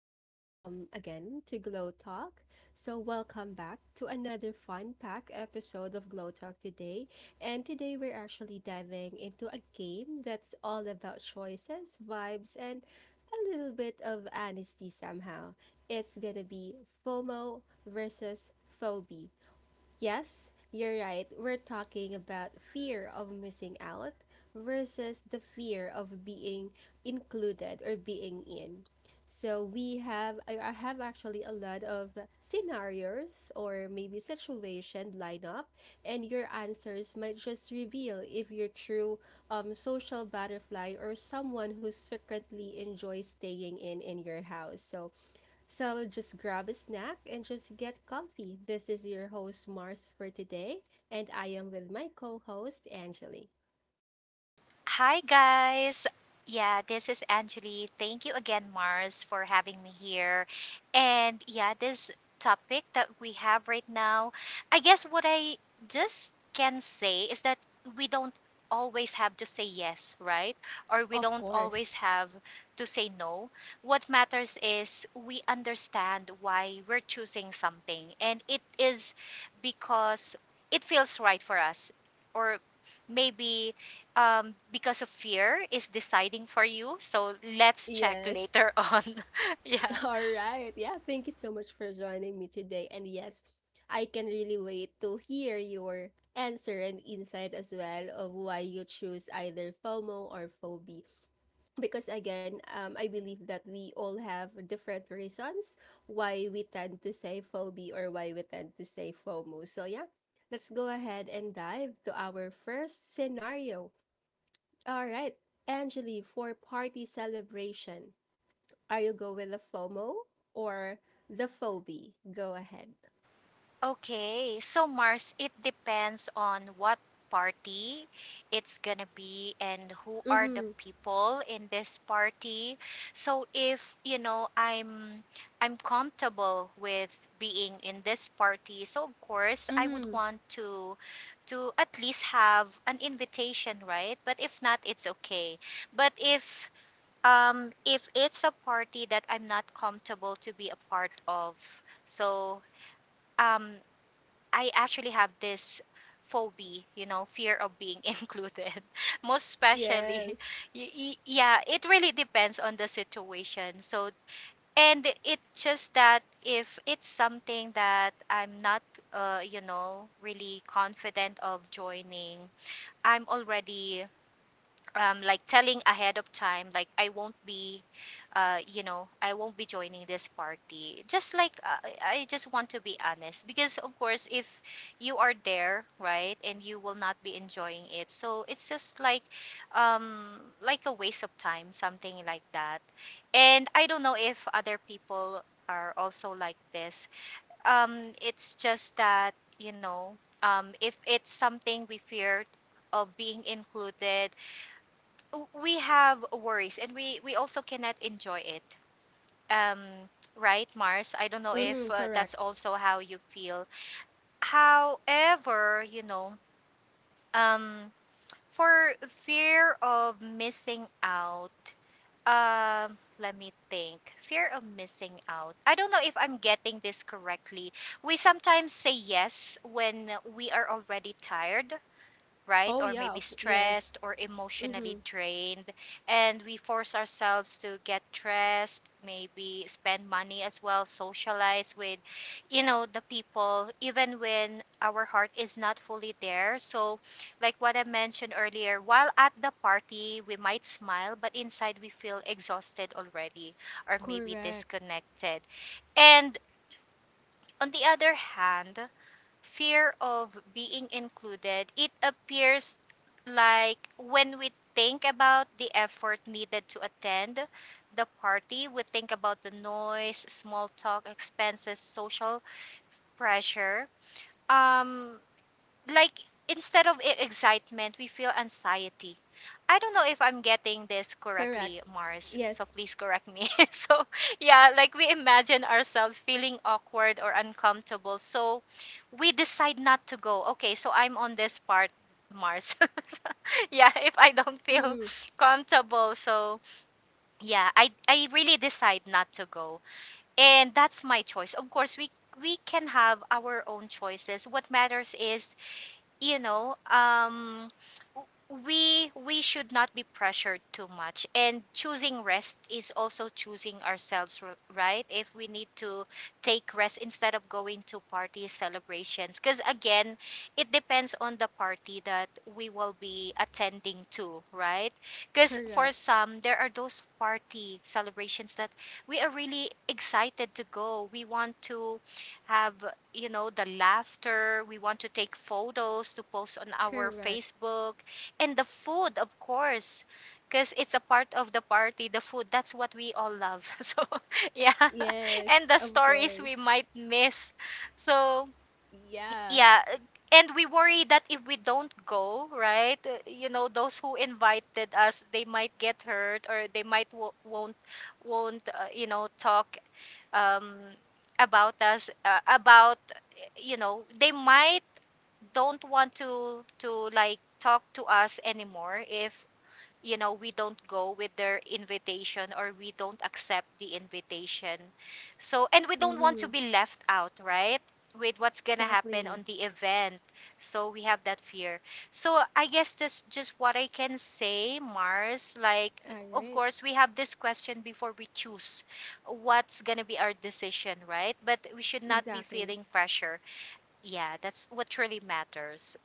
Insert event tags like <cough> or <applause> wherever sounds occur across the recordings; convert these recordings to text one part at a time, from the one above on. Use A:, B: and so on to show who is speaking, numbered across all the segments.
A: and welcome again to Glow Talk. So, welcome back to another fun packed episode of Glow Talk today. And today, we're actually diving into a game that's all about choices, vibes, and a little bit of honesty somehow. It's gonna be FOMO versus phobia. Yes, you're right. We're talking about fear of missing out versus the fear of being included or being in. So we have I have actually a lot of scenarios or maybe situation line up, and your answers might just reveal if you're true social butterfly or someone who secretly enjoys staying in your house. So just grab a snack and just get comfy. This is your host, Mars, for today, and I am with my co host, Angeli.
B: Hi, guys. Yeah, this is Anjali. Thank you again, Mars, for having me here. And yeah, this topic that we have right now, I guess what I just can say is that we don't always have to say yes, right? Or we
A: Of
B: don't always
A: course.
B: have to say no. What matters is we understand why we're choosing something, and it is because it feels right for us. Or maybe because of fear is deciding for you. So let's check
A: Yes.
B: later <laughs> on. Yeah.
A: <laughs> All right. Yeah. Thank you so much for joining me today. And yes, I can really wait to hear your answer and insight as well of why you choose either FOMO or phobia, because again, I believe that we all have different reasons why we tend to say phobia or why we tend to say fomo. So yeah, let's go ahead and dive to our first scenario. All right, Angeli, for party celebration, are you go with the fomo or the phobia? Go ahead.
B: Okay. So Mars, it depends on what party it's gonna be and who are the
A: Mm-hmm.
B: people in this party. So if you know I'm comfortable with being in this party, so of course I would
A: Mm-hmm.
B: want to at least have an invitation, right? But if not, it's okay. But if If it's a party that I'm not comfortable to be a part of, so um, I actually have this phobia, you know, fear of being <laughs> included. Most especially,
A: Yes.
B: yeah, it really depends on the situation. So, and it just that if it's something that I'm not, you know, really confident of joining, I'm already like telling ahead of time like I won't be you know, I won't be joining this party just like I just want to be honest because of course if you are there right and you will not be enjoying it so it's just like a waste of time something like that and I don't know if other people are also like this it's just that you know if it's something we feared of being included we have worries and we also cannot enjoy it um right mars I don't know if
A: Mm-hmm.
B: that's
A: Correct.
B: also how you feel however you know um for fear of missing out let me think, fear of missing out, I don't know if I'm getting this correctly. We sometimes say yes when we are already tired, right?
A: oh
B: Or
A: yeah
B: maybe
A: of-
B: stressed
A: yes
B: or emotionally
A: Mm-hmm.
B: drained. And we force ourselves to get dressed, maybe spend money as well, socialize with, you know, the people, even when our heart is not fully there. So, like what I mentioned earlier, while at the party, we might smile, but inside we feel exhausted already or maybe
A: Correct.
B: disconnected. And on the other hand, fear of being included, it appears like when we think about the effort needed to attend the party, we think about the noise, small talk, expenses, social pressure. Um, like instead of excitement, we feel anxiety. I don't know if I'm getting this
A: Correct.
B: correctly, Mars, so
A: Yes.
B: please correct me. <laughs> So, yeah, like we imagine ourselves feeling awkward or uncomfortable. So, we decide not to go. Okay, so I'm on this part, Mars. <laughs> Yeah, if I don't feel
A: Mm-hmm.
B: comfortable, so yeah, I really decide not to go. And that's my choice. Of course, we can have our own choices. What matters is you know, w- we should not be pressured too much. And choosing rest is also choosing ourselves, right? If we need to take rest instead of going to parties, celebrations, because again, it depends on the party that we will be attending to, right? Because for
A: Correct.
B: some, there are those party celebrations that we are really excited to go. We want to have you know, the laughter. We want to take photos to post on our
A: Correct.
B: Facebook. And the food, of course, because it's a part of the party, the food. That's what we all love. <laughs> So, yeah. <laughs> And
A: Yes,
B: the
A: of
B: stories we
A: course.
B: might miss. So,
A: Yeah.
B: yeah. And we worry that if we don't go, right, you know, those who invited us, they might get hurt or they might won't you know, talk um, about us about you know, they might don't want to like talk to us anymore if you know we don't go with their invitation or we don't accept the invitation, so and we don't want to
A: Mm-hmm.
B: be left out, right, with what's gonna happen on
A: Exactly.
B: the event, so we have that fear. So I guess that's just what I can say mars, like
A: All
B: of
A: right.
B: course we have this question before we choose what's gonna be our decision, right? But we should not be
A: Exactly.
B: feeling pressure. Yeah, that's what really matters.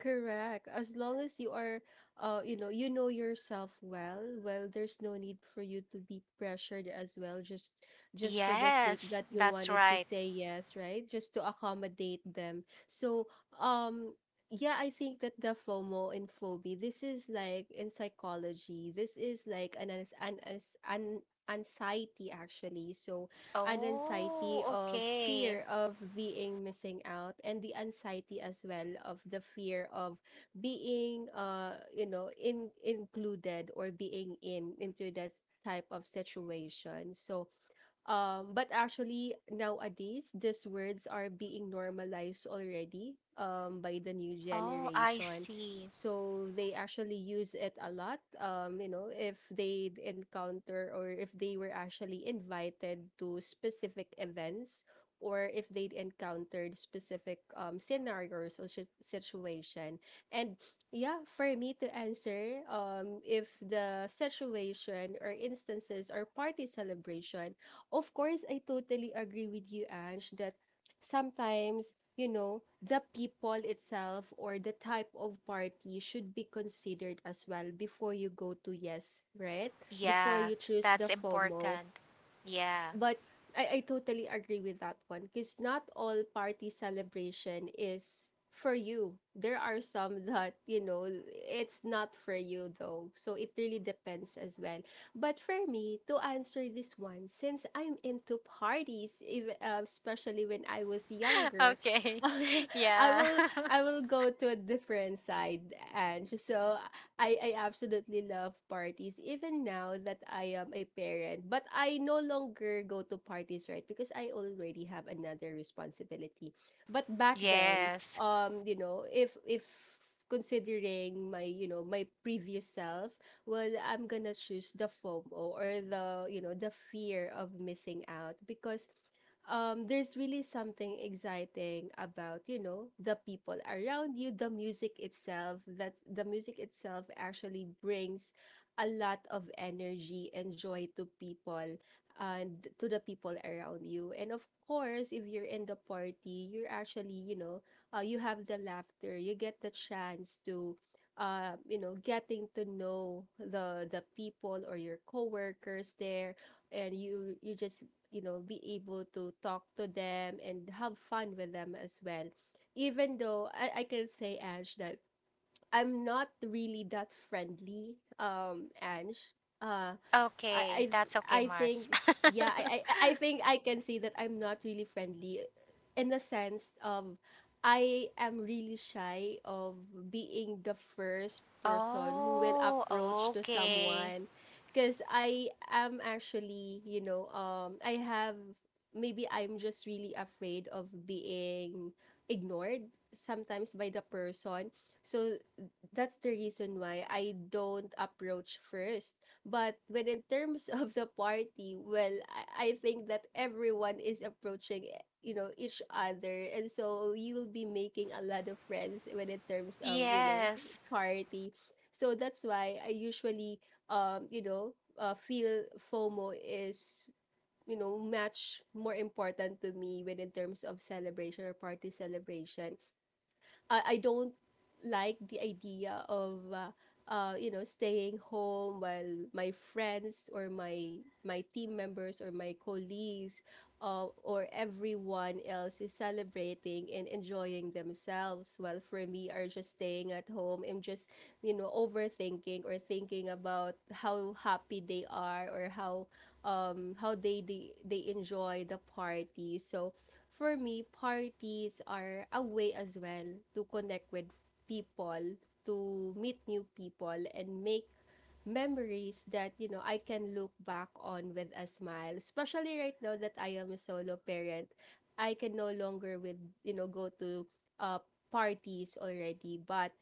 A: Correct. As long as you are, you know yourself well, there's no need for you to be pressured as well, just for the sake
B: Yes,
A: that you
B: that's
A: wanted to
B: right.
A: say yes, right? Just to accommodate them. So, um, yeah, I think that the FOMO and phobia, this is like in psychology, this is like an anxiety actually. So, and anxiety
B: Oh,
A: of
B: okay.
A: fear of being missing out, and the anxiety as well of the fear of being you know, in included or being in into that type of situation. So but actually, nowadays, these words are being normalized already, by the new
B: Oh, I
A: generation.
B: see.
A: So they actually use it a lot. You know, if they encounter or if they were actually invited to specific events, or if they encountered specific scenarios or situation. And yeah, for me to answer, if the situation or instances or party celebration. Of course, I totally agree with you, Ange, that sometimes, you know, the people itself or the type of party should be considered as well before you go to yes, right? Before
B: Yeah,
A: you choose the
B: that's
A: FOMO.
B: important. Yeah.
A: But I totally agree with that one because not all party celebration is for you. There are some that, you know, it's not for you though. So it really depends as well. But for me, to answer this one, since I'm into parties, if, especially when I was
B: <laughs>
A: younger,
B: Okay.
A: <laughs>
B: <laughs>
A: I
B: Yeah.
A: will
B: <laughs>
A: I will go to a different side, and so I absolutely love parties even now that I am a parent. But I no longer go to parties, right? Because I already have another responsibility. But back then,
B: Yes.
A: you know, if considering my, you know, my previous self, well, I'm gonna choose the FOMO or the, you know, the fear of missing out because there's really something exciting about, you know, the people around you, the music itself, that the music itself actually brings a lot of energy and joy to people and to the people around you. And of course, if you're in the party, you're actually, you know, you have the laughter, you get the chance to, you know, getting to know the people or your coworkers there, and you just, you know, be able to talk to them and have fun with them as well. Even though I can say ash that I'm not really that friendly, Ange. Uh, I,
B: Okay,
A: th-
B: that's okay,
A: I
B: Mars.
A: think, Yeah,
B: <laughs>
A: I think I can say that I'm not really friendly in the sense of I am really shy of being the first person who will
B: Oh,
A: approach to
B: okay.
A: someone, because I am actually, you know, I have, maybe I'm just really afraid of being ignored sometimes by the person. So that's the reason why I don't approach first. But when in terms <laughs> of the party, well, I think that everyone is approaching, eh, you know, each other. And so you will be making a lot of friends when in terms of, you know,
B: Yes.
A: party. So that's why I usually, you know, feel FOMO is, you know, much more important to me when in terms of celebration or party celebration. I don't like the idea of you know, staying home while my friends or my team members or my colleagues, or everyone else is celebrating and enjoying themselves, while for me are just staying at home and just, you know, overthinking or thinking about how happy they are, or how they enjoy the party. So for me, parties are a way as well to connect with people, to meet new people, and make memories that, you know, I can look back on with a smile. Especially right now that I am a solo parent, I can no longer with, you know, go to uh, parties already. But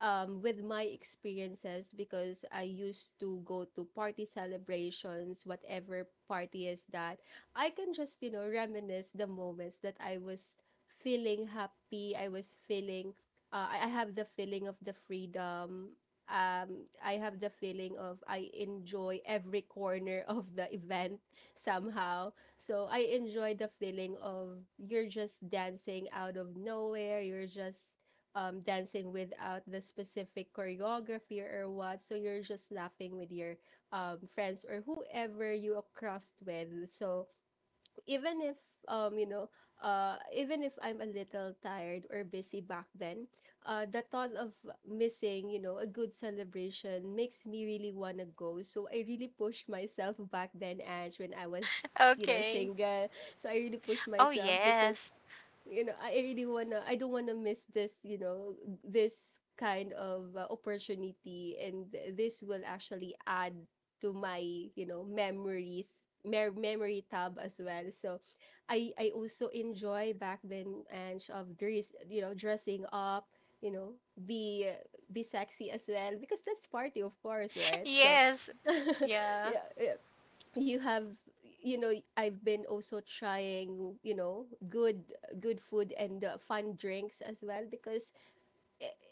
A: with my experiences, because I used to go to party celebrations, whatever party is that, I can just, you know, reminisce the moments that I was feeling happy. I was feeling, uh, I have the feeling of the freedom. I have the feeling of I enjoy every corner of the event somehow. So I enjoy the feeling of you're just dancing out of nowhere. You're just dancing without the specific choreography or what. So you're just laughing with your friends or whoever you are crossed with. So even if um you know even if I'm a little tired or busy back then, the thought of missing, you know, a good celebration, makes me really want to go. So I really pushed myself back then, Ange, when I was, you know,
B: Okay.
A: single. So I really pushed
B: Oh,
A: myself because,
B: yes.
A: you know, I really wanna, I don't wanna miss this, you know, this kind of opportunity, and this will actually add to my, you know, memories, memory tab as well. So I also enjoy back then, and of dress, you know, dressing up, you know, be be sexy as well, because that's party, of course,
B: <laughs>
A: right? So
B: Yes.
A: <laughs>
B: Yeah.
A: yeah, yeah, you have, you know, I've been also trying, you know, good good food and fun drinks as well, because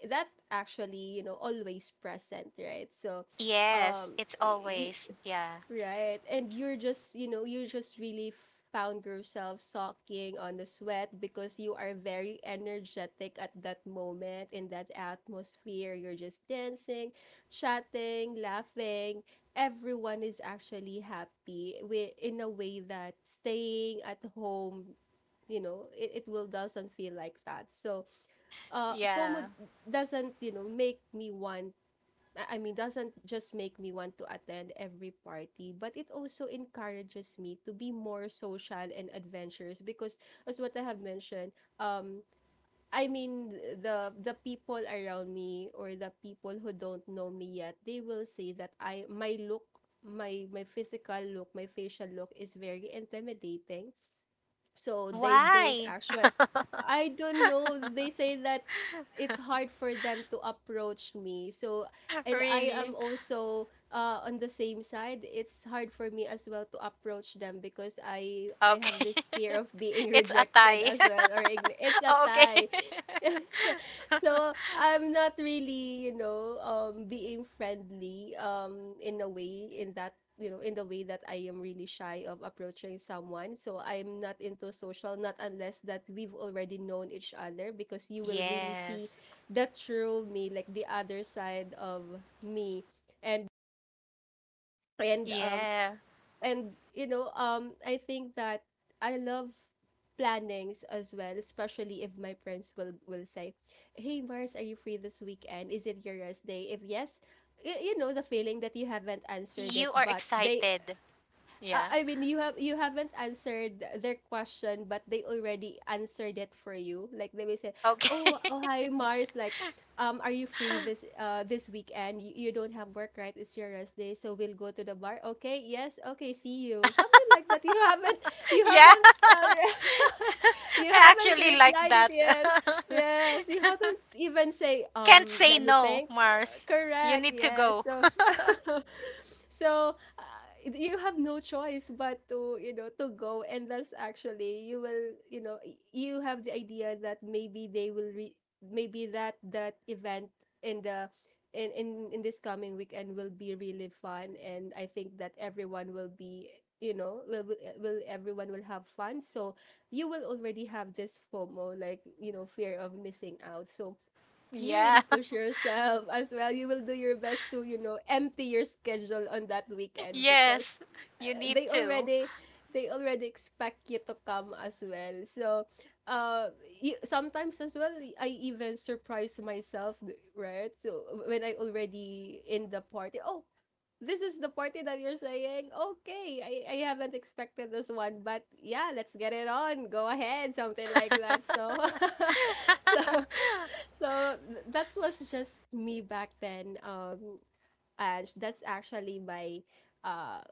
A: that actually, you know, always present, right? So
B: Yes,
A: um
B: it's always. Yeah.
A: Right. And you're just, you know, you just really found yourself soaking on the sweat, because you are very energetic at that moment in that atmosphere. You're just dancing, chatting, laughing. Everyone is actually happy in a way that staying at home, you know, it will doesn't feel like that. So fomo
B: Yeah.
A: doesn't, you know, make me want, I mean, doesn't just make me want to attend every party, but it also encourages me to be more social and adventurous because, as what I have mentioned, um, I mean, the people around me or the people who don't know me yet, they will say that I my look, my physical look, my facial look is very intimidating, so they don't
B: Why?
A: actually,
B: <laughs>
A: I don't know, they say that it's hard for them to approach me. So and I am
B: Really?
A: also, on the same side, it's hard for me as well to approach them, because I have
B: Okay.
A: this fear of being <laughs>
B: <laughs> It's a
A: rejected
B: tie.
A: as well or
B: <laughs>
A: it's a
B: Oh, okay.
A: tie. <laughs> So
B: <laughs>
A: I'm not really, you know, being friendly, in a way, in that, you know, in the way that I am really shy of approaching someone. So I'm not into social, not unless that we've already known each other, because you will really see
B: Yes.
A: the true me, like the other side of me, and and um
B: Yeah.
A: and you know, I think that I love plannings as well, especially if my friends will say, hey Mars, are you free this weekend, is it your rest day, if yes, you know, the feeling that you haven't answered it,
B: You are
A: but they,
B: excited. Yeah.
A: I mean, you have, you haven't answered their question, but they already answered it for you. Like they will say,
B: Okay.
A: "Oh, oh, hi, Mars. Like, are you free this this weekend? You don't have work, right? It's your rest day, so we'll go to the bar. Okay, yes, okay, see you." Something like that. You
B: <laughs>
A: haven't, you
B: Yeah.
A: haven't, uh,
B: <laughs>
A: <laughs> you
B: I
A: haven't
B: actually like
A: replied it
B: that.
A: yet.
B: <laughs>
A: Yes, you haven't even say,
B: You can't say
A: let me
B: no,
A: think.
B: Mars. You
A: Correct.
B: need to
A: Yes.
B: go.
A: So,
B: <laughs>
A: <laughs> so you have no choice but to to go. And that's actually, you will, you have the idea that maybe they will maybe that event in the in, in this coming weekend will be really fun. And I think that everyone will be, you know, everyone will have fun. So you will already have this FOMO, like, you know, fear of missing out. So you
B: Yeah.
A: really
B: <laughs>
A: push yourself as well. You will do your best to, you know, empty your schedule on that weekend
B: Yes.
A: because
B: You need
A: they
B: to.
A: already, they already expect you to come as well. So, uh, you, sometimes as well, I even surprise myself, right? So when I already in the party, oh, this is the party that you're saying. Okay, I haven't expected this one, but yeah, let's get it on. Go ahead, something like that. So, <laughs> so,
B: <laughs>
A: that was just me back then. That's actually my uh,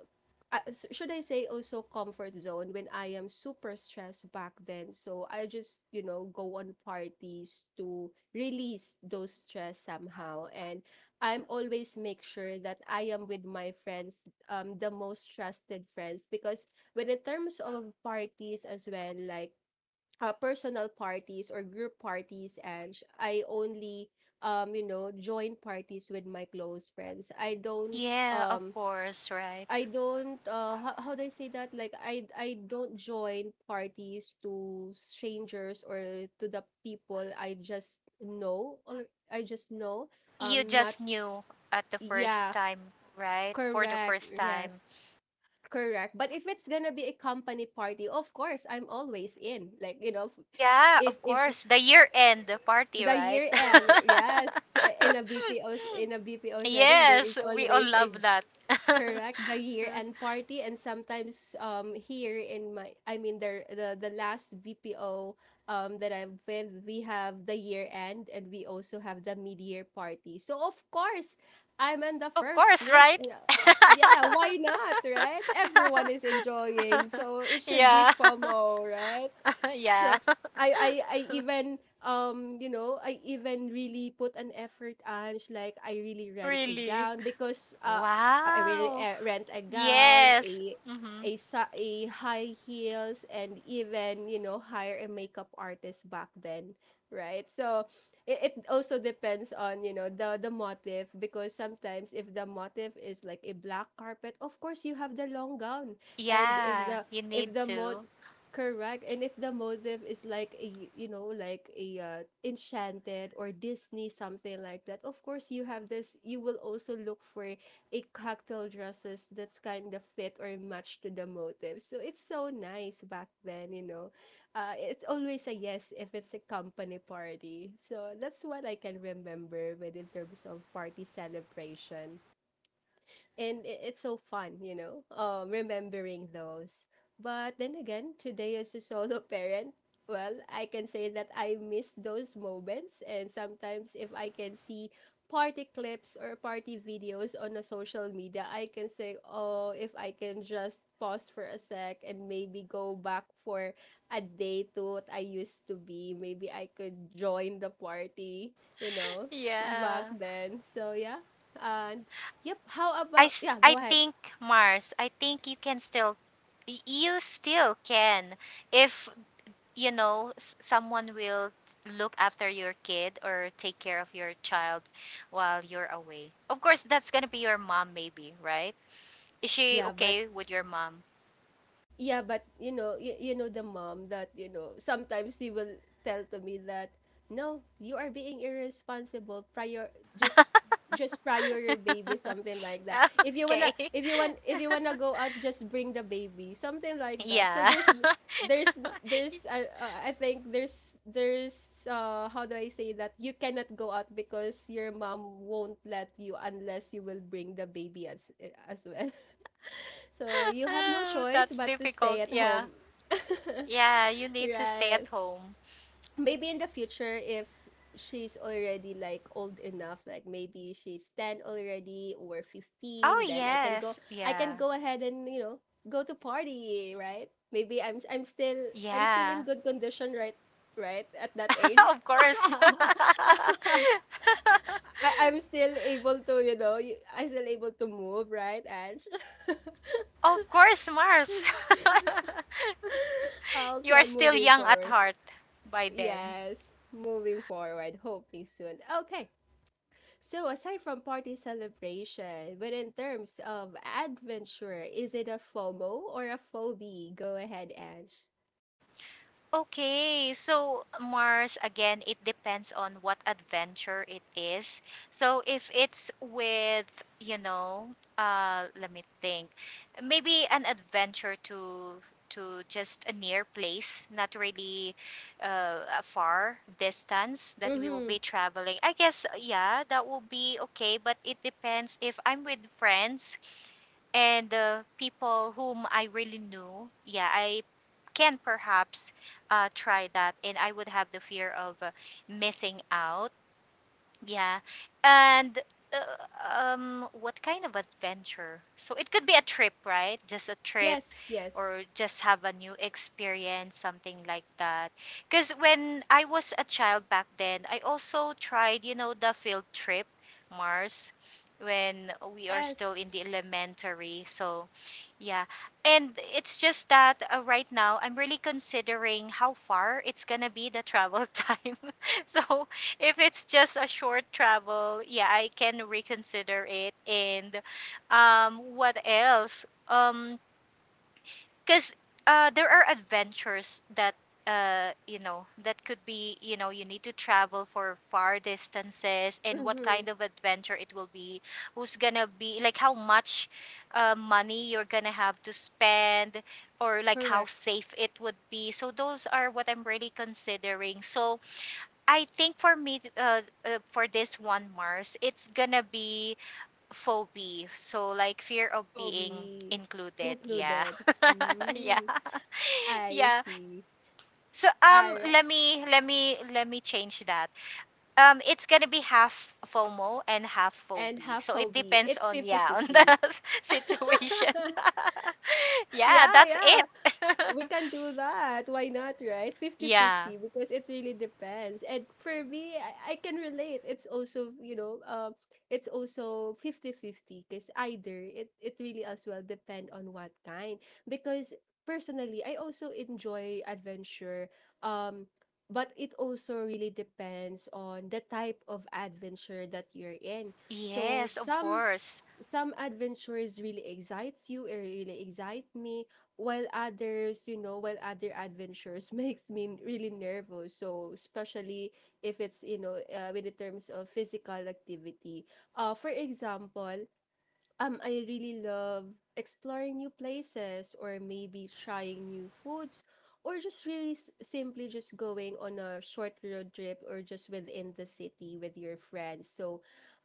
A: should I say also comfort zone when I am super stressed back then. So I just, you know, go on parties to release those stress somehow. And I'm always make sure that I am with my friends, the most trusted friends. Because when in terms of parties as well, like, personal parties or group parties I only, you know, join parties with my close friends. I don't,
B: Yeah, of
A: um
B: course, right?
A: I don't, how do I say that? Like, I don't join parties to strangers or to the people I just know, or I just know,
B: You
A: not,
B: just knew at the first
A: yeah,
B: time, right? For the
A: correct,
B: first
A: yes,
B: time.
A: correct. But if it's gonna be a company party, of course I'm always in, like, you know,
B: Yeah, of
A: if
B: course. The year end party,
A: the
B: right?
A: year end, yes. In a BPO,
B: <laughs>
A: in a BPO setting, there is
B: Yes, we all
A: always a,
B: love that. <laughs>
A: correct, the year end party. And sometimes, here in my, I mean, the last BPO that I'm with, we have the year end and we also have the mid year party. So of course I'm on the
B: Of
A: first
B: course,
A: list,
B: right?
A: you know. Yeah, why not, right? Everyone is enjoying, so it
B: <laughs>
A: should be
B: Yeah.
A: FOMO, right?
B: <laughs> Yeah.
A: So I
B: <laughs>
A: I I even, you know, I even really put an effort, Ange. Like, I really rent a
B: Really.
A: gown because I really,
B: Wow.
A: rent a gown,
B: Yes. Hmm.
A: a high heels, and even, you know, hire a makeup artist back then, right? So it also depends on, you know, the motif. Because sometimes if the motif is like a black carpet, of course you have the long gown. And
B: Yeah, you need
A: if the mo
B: to.
A: correct. And if the motive is like a, you know, like a, Enchanted or Disney, something like that, of course you have this, you will also look for a cocktail dresses that's kind of fit or match to the motive. So it's so nice back then, you know. It's always a yes if it's a company party. So that's what I can remember with in terms of party celebration. And it's so fun, you know, remembering those. But then again today, as a solo <laughs> parent, well, I can say that I miss those moments. And sometimes if I can see party clips or party videos on a social media, I can say, oh, if I can just pause for a sec and maybe go back for a day to what I used to be, maybe I could join the party, you know, back
B: Yeah.
A: then. So yeah, uh, yep. How about, yeah,
B: I
A: go ahead.
B: think, Mars, I think you can still you still can if you know someone will look after your kid or take care of your child while you're away. Of course, that's going to be your mom maybe, right? Is she
A: Yeah, but,
B: okay with your mom?
A: yeah, but you know, you know the mom that, you know, sometimes she will tell to me that no, you are being irresponsible. Prior, just just
B: <laughs>
A: prior your baby, something like that. If you wanna,
B: Okay.
A: if you wanna
B: <laughs>
A: go out, just bring the baby, something like that. So
B: Yeah.
A: there's
B: <laughs>
A: there's, I think there's how do I say that, you cannot go out because your mom won't let you unless you will bring the baby as well. So
B: <laughs>
A: you have no
B: Oh,
A: choice
B: that's
A: but to stay
B: difficult.
A: at
B: Yeah.
A: home. <laughs>
B: Yeah, you need to stay
A: Right.
B: at home.
A: Maybe in the future, if she's already like old enough, like maybe she's 10 already or
B: Oh,
A: 15, then I can
B: yes.
A: go, I
B: Yeah.
A: can go ahead and, you know, go to party, right? Maybe I'm still
B: Yeah.
A: in good condition, right, right at that age.
B: <laughs> Of
A: <laughs>
B: course. <laughs>
A: I'm still able to, you know, I'm still able to move, right, Ange? <laughs>
B: Of course, Mars. <laughs> You are
A: Okay,
B: still
A: moving
B: young at
A: forward.
B: heart by then.
A: Yes, moving forward, hopefully soon. Okay, so aside from party celebration, but in terms of adventure, is it a FOMO or a phobia? Go ahead, Ange.
B: Okay, so Mars, again, it depends on what adventure it is. So if it's with, you know, let me think, maybe an adventure to just a near place, not really a far distance that we will
A: Mm-hmm.
B: be traveling. I guess, yeah, that will be okay, but it depends if I'm with friends and people whom I really knew, yeah, I can perhaps try that, and I would have the fear of missing out. Yeah. And uh, what kind of adventure? So it could be a trip, right? Just a trip
A: Yes, yes,
B: or just have a new experience, something like that. Because when I was a child back then, I also tried, you know, the field trip, Mars, when we are still in the
A: yes.
B: elementary. So, yeah. And it's just that right now I'm really considering how far it's going to be the travel <laughs> time. <laughs> So if it's just a short travel, yeah, I can reconsider it. And what else? Because there are adventures that you know, that could be, you know, you need to travel for far distances, and what
A: Mm-hmm.
B: kind of adventure it will be, who's gonna be, like how much money you're gonna have to spend, or like how
A: Correct.
B: safe it would be. So those are what I'm really considering. So I think for me, for this one, Mars, it's gonna be phobia. So like fear of being
A: Phobia
B: included. Yeah,
A: included.
B: <laughs> yeah,
A: Mm,
B: <laughs>
A: I
B: yeah.
A: see.
B: So
A: All right.
B: let me change that. It's gonna be half FOMO and half
A: And
B: phobia.
A: have
B: So it
A: phobia.
B: depends
A: It's
B: on yeah on
A: 50-50. <laughs>
B: the <laughs> situation. <laughs> Yeah,
A: Yeah,
B: that's
A: yeah,
B: it.
A: we
B: <laughs>
A: can do that. Why not, right? 50
B: Yeah.
A: 50, because it really depends. And for me, I can relate. It's also, you know, it's also 50 50. Because either it really as well depend on what kind. Because personally, I also enjoy adventure. Um, but it also really depends on the type of adventure that you're in. So
B: Yes, of
A: some
B: course.
A: some adventures really excites you, it really excite me, while others, you know, while other adventures <laughs> makes me really nervous. So especially if it's, you know, in the terms of physical activity. For example, I really love exploring new places or maybe trying new foods, or just really simply just going on a short road trip, or just within the city with your friends. So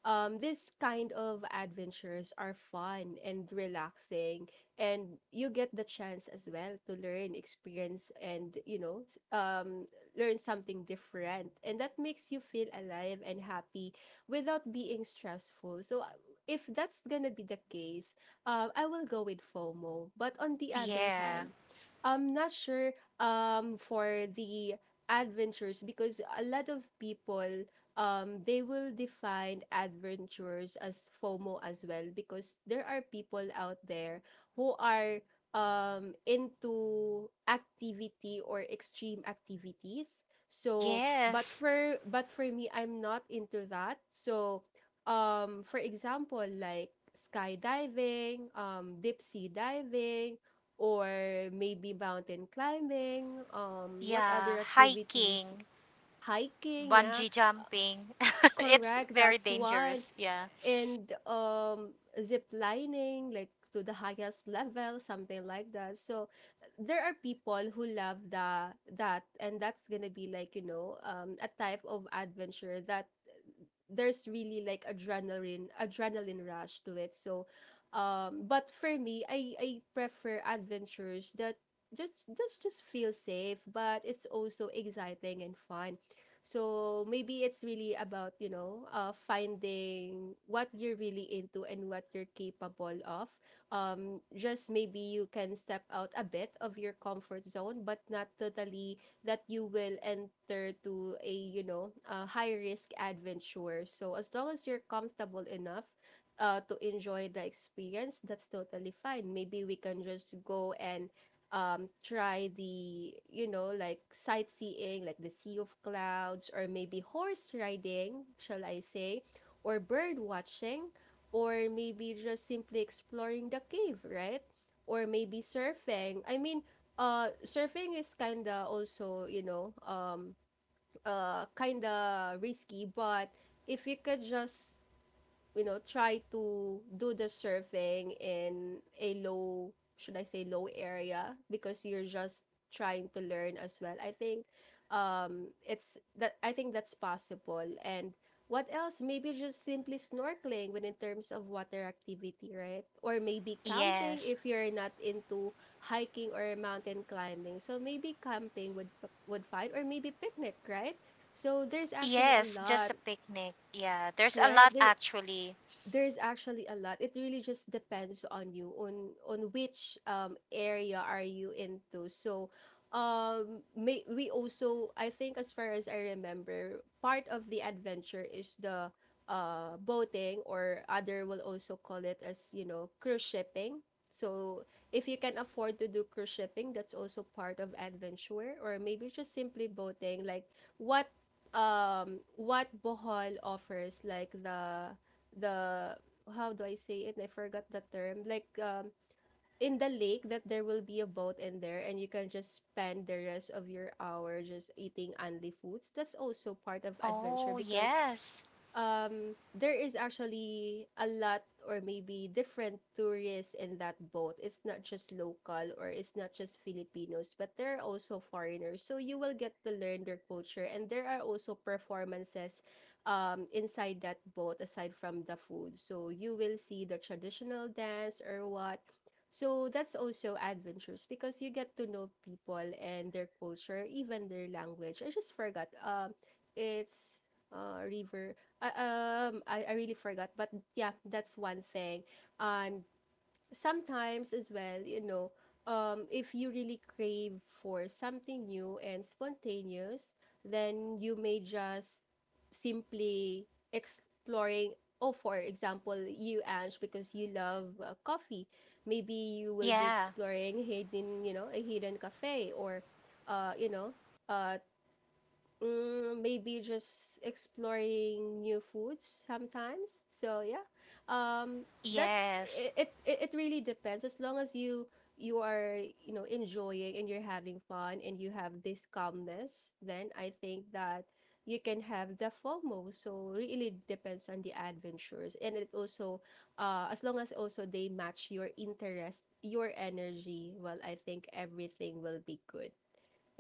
A: this kind of adventures are fun and relaxing, and you get the chance as well to learn, experience, and, you know, learn something different. And that makes you feel alive and happy without being stressful. So if that's gonna be the case, I will go with FOMO. But on the other
B: Yeah.
A: hand, I'm not sure for the adventures, because a lot of people, they will define adventures as FOMO as well, because there are people out there who are into activity or extreme activities. So,
B: Yes.
A: but for me, I'm not into that. So, for example, like skydiving, deep sea diving, or maybe mountain climbing. What
B: Yeah,
A: other activities?
B: hiking,
A: Hiking, yeah,
B: bungee jumping. <laughs> It's
A: correct.
B: very
A: That's one.
B: dangerous. Yeah.
A: And zip lining, like to the highest level, something like that. So there are people who love the that, and that's gonna be like, you know, a type of adventure that there's really like adrenaline rush to it. So but for me, I prefer adventures that just feel safe but it's also exciting and fun. So maybe it's really about, you know, finding what you're really into and what you're capable of. Just maybe you can step out a bit of your comfort zone, but not totally that you will enter to a, you know, a high risk adventure. So as long as you're comfortable enough to enjoy the experience, that's totally fine. Maybe we can just go and try the, you know, like sightseeing, like the sea of clouds, or maybe horse riding, shall I say, or bird watching, or maybe just simply exploring the cave, right? Or maybe surfing, I mean, surfing is kinda also, you know, kinda risky. But if you could just, you know, try to do the surfing in a low, should I say, low area because you're just trying to learn as well. I think, it's that, I think that's possible. And what else? Maybe just simply snorkeling, when in terms of water activity, right? Or maybe camping,
B: Yes.
A: if you're not into hiking or mountain climbing. So maybe camping would would find, or maybe picnic, right? So there's actually a
B: Yes, just a
A: lot,
B: picnic. Yeah, there's a
A: right.
B: lot actually.
A: There's actually a lot. It really just depends on you, on which area are you into. So we also, I think, as far as I remember, part of the adventure is the boating, or other will also call it as, you know, cruise shipping. So if you can afford to do cruise shipping, that's also part of adventure. Or maybe just simply boating, like what, what Bohol offers, like the how do I say it? I forgot the term. Like, in the lake that there will be a boat in there, and you can just spend the rest of your hour just eating only foods. That's also part of adventure.
B: Oh,
A: Because
B: yes.
A: there is actually a lot, or maybe different tourists in that boat. It's not just local, or it's not just Filipinos, but there are also foreigners. So you will get to learn their culture. And there are also performances inside that boat aside from the food. So you will see the traditional dance or what. So that's also adventures because you get to know people and their culture, even their language. I just forgot. It's river. I, I really forgot, but yeah, that's one thing. And sometimes as well, if you really crave for something new and spontaneous, then you may just simply exploring. Oh, for example, you, Ange, because you love coffee, maybe you will be
B: Yeah.
A: exploring hidden, a hidden cafe, or uh, you know, uh, maybe just exploring new foods sometimes. So yeah, um, that
B: Yes.
A: it really depends. As long as you are enjoying and you're having fun and you have this calmness, then I think that you can have the FOMO. So really depends on the adventures, and it also, as long as also they match your interest, your energy. Well, I think everything will be good,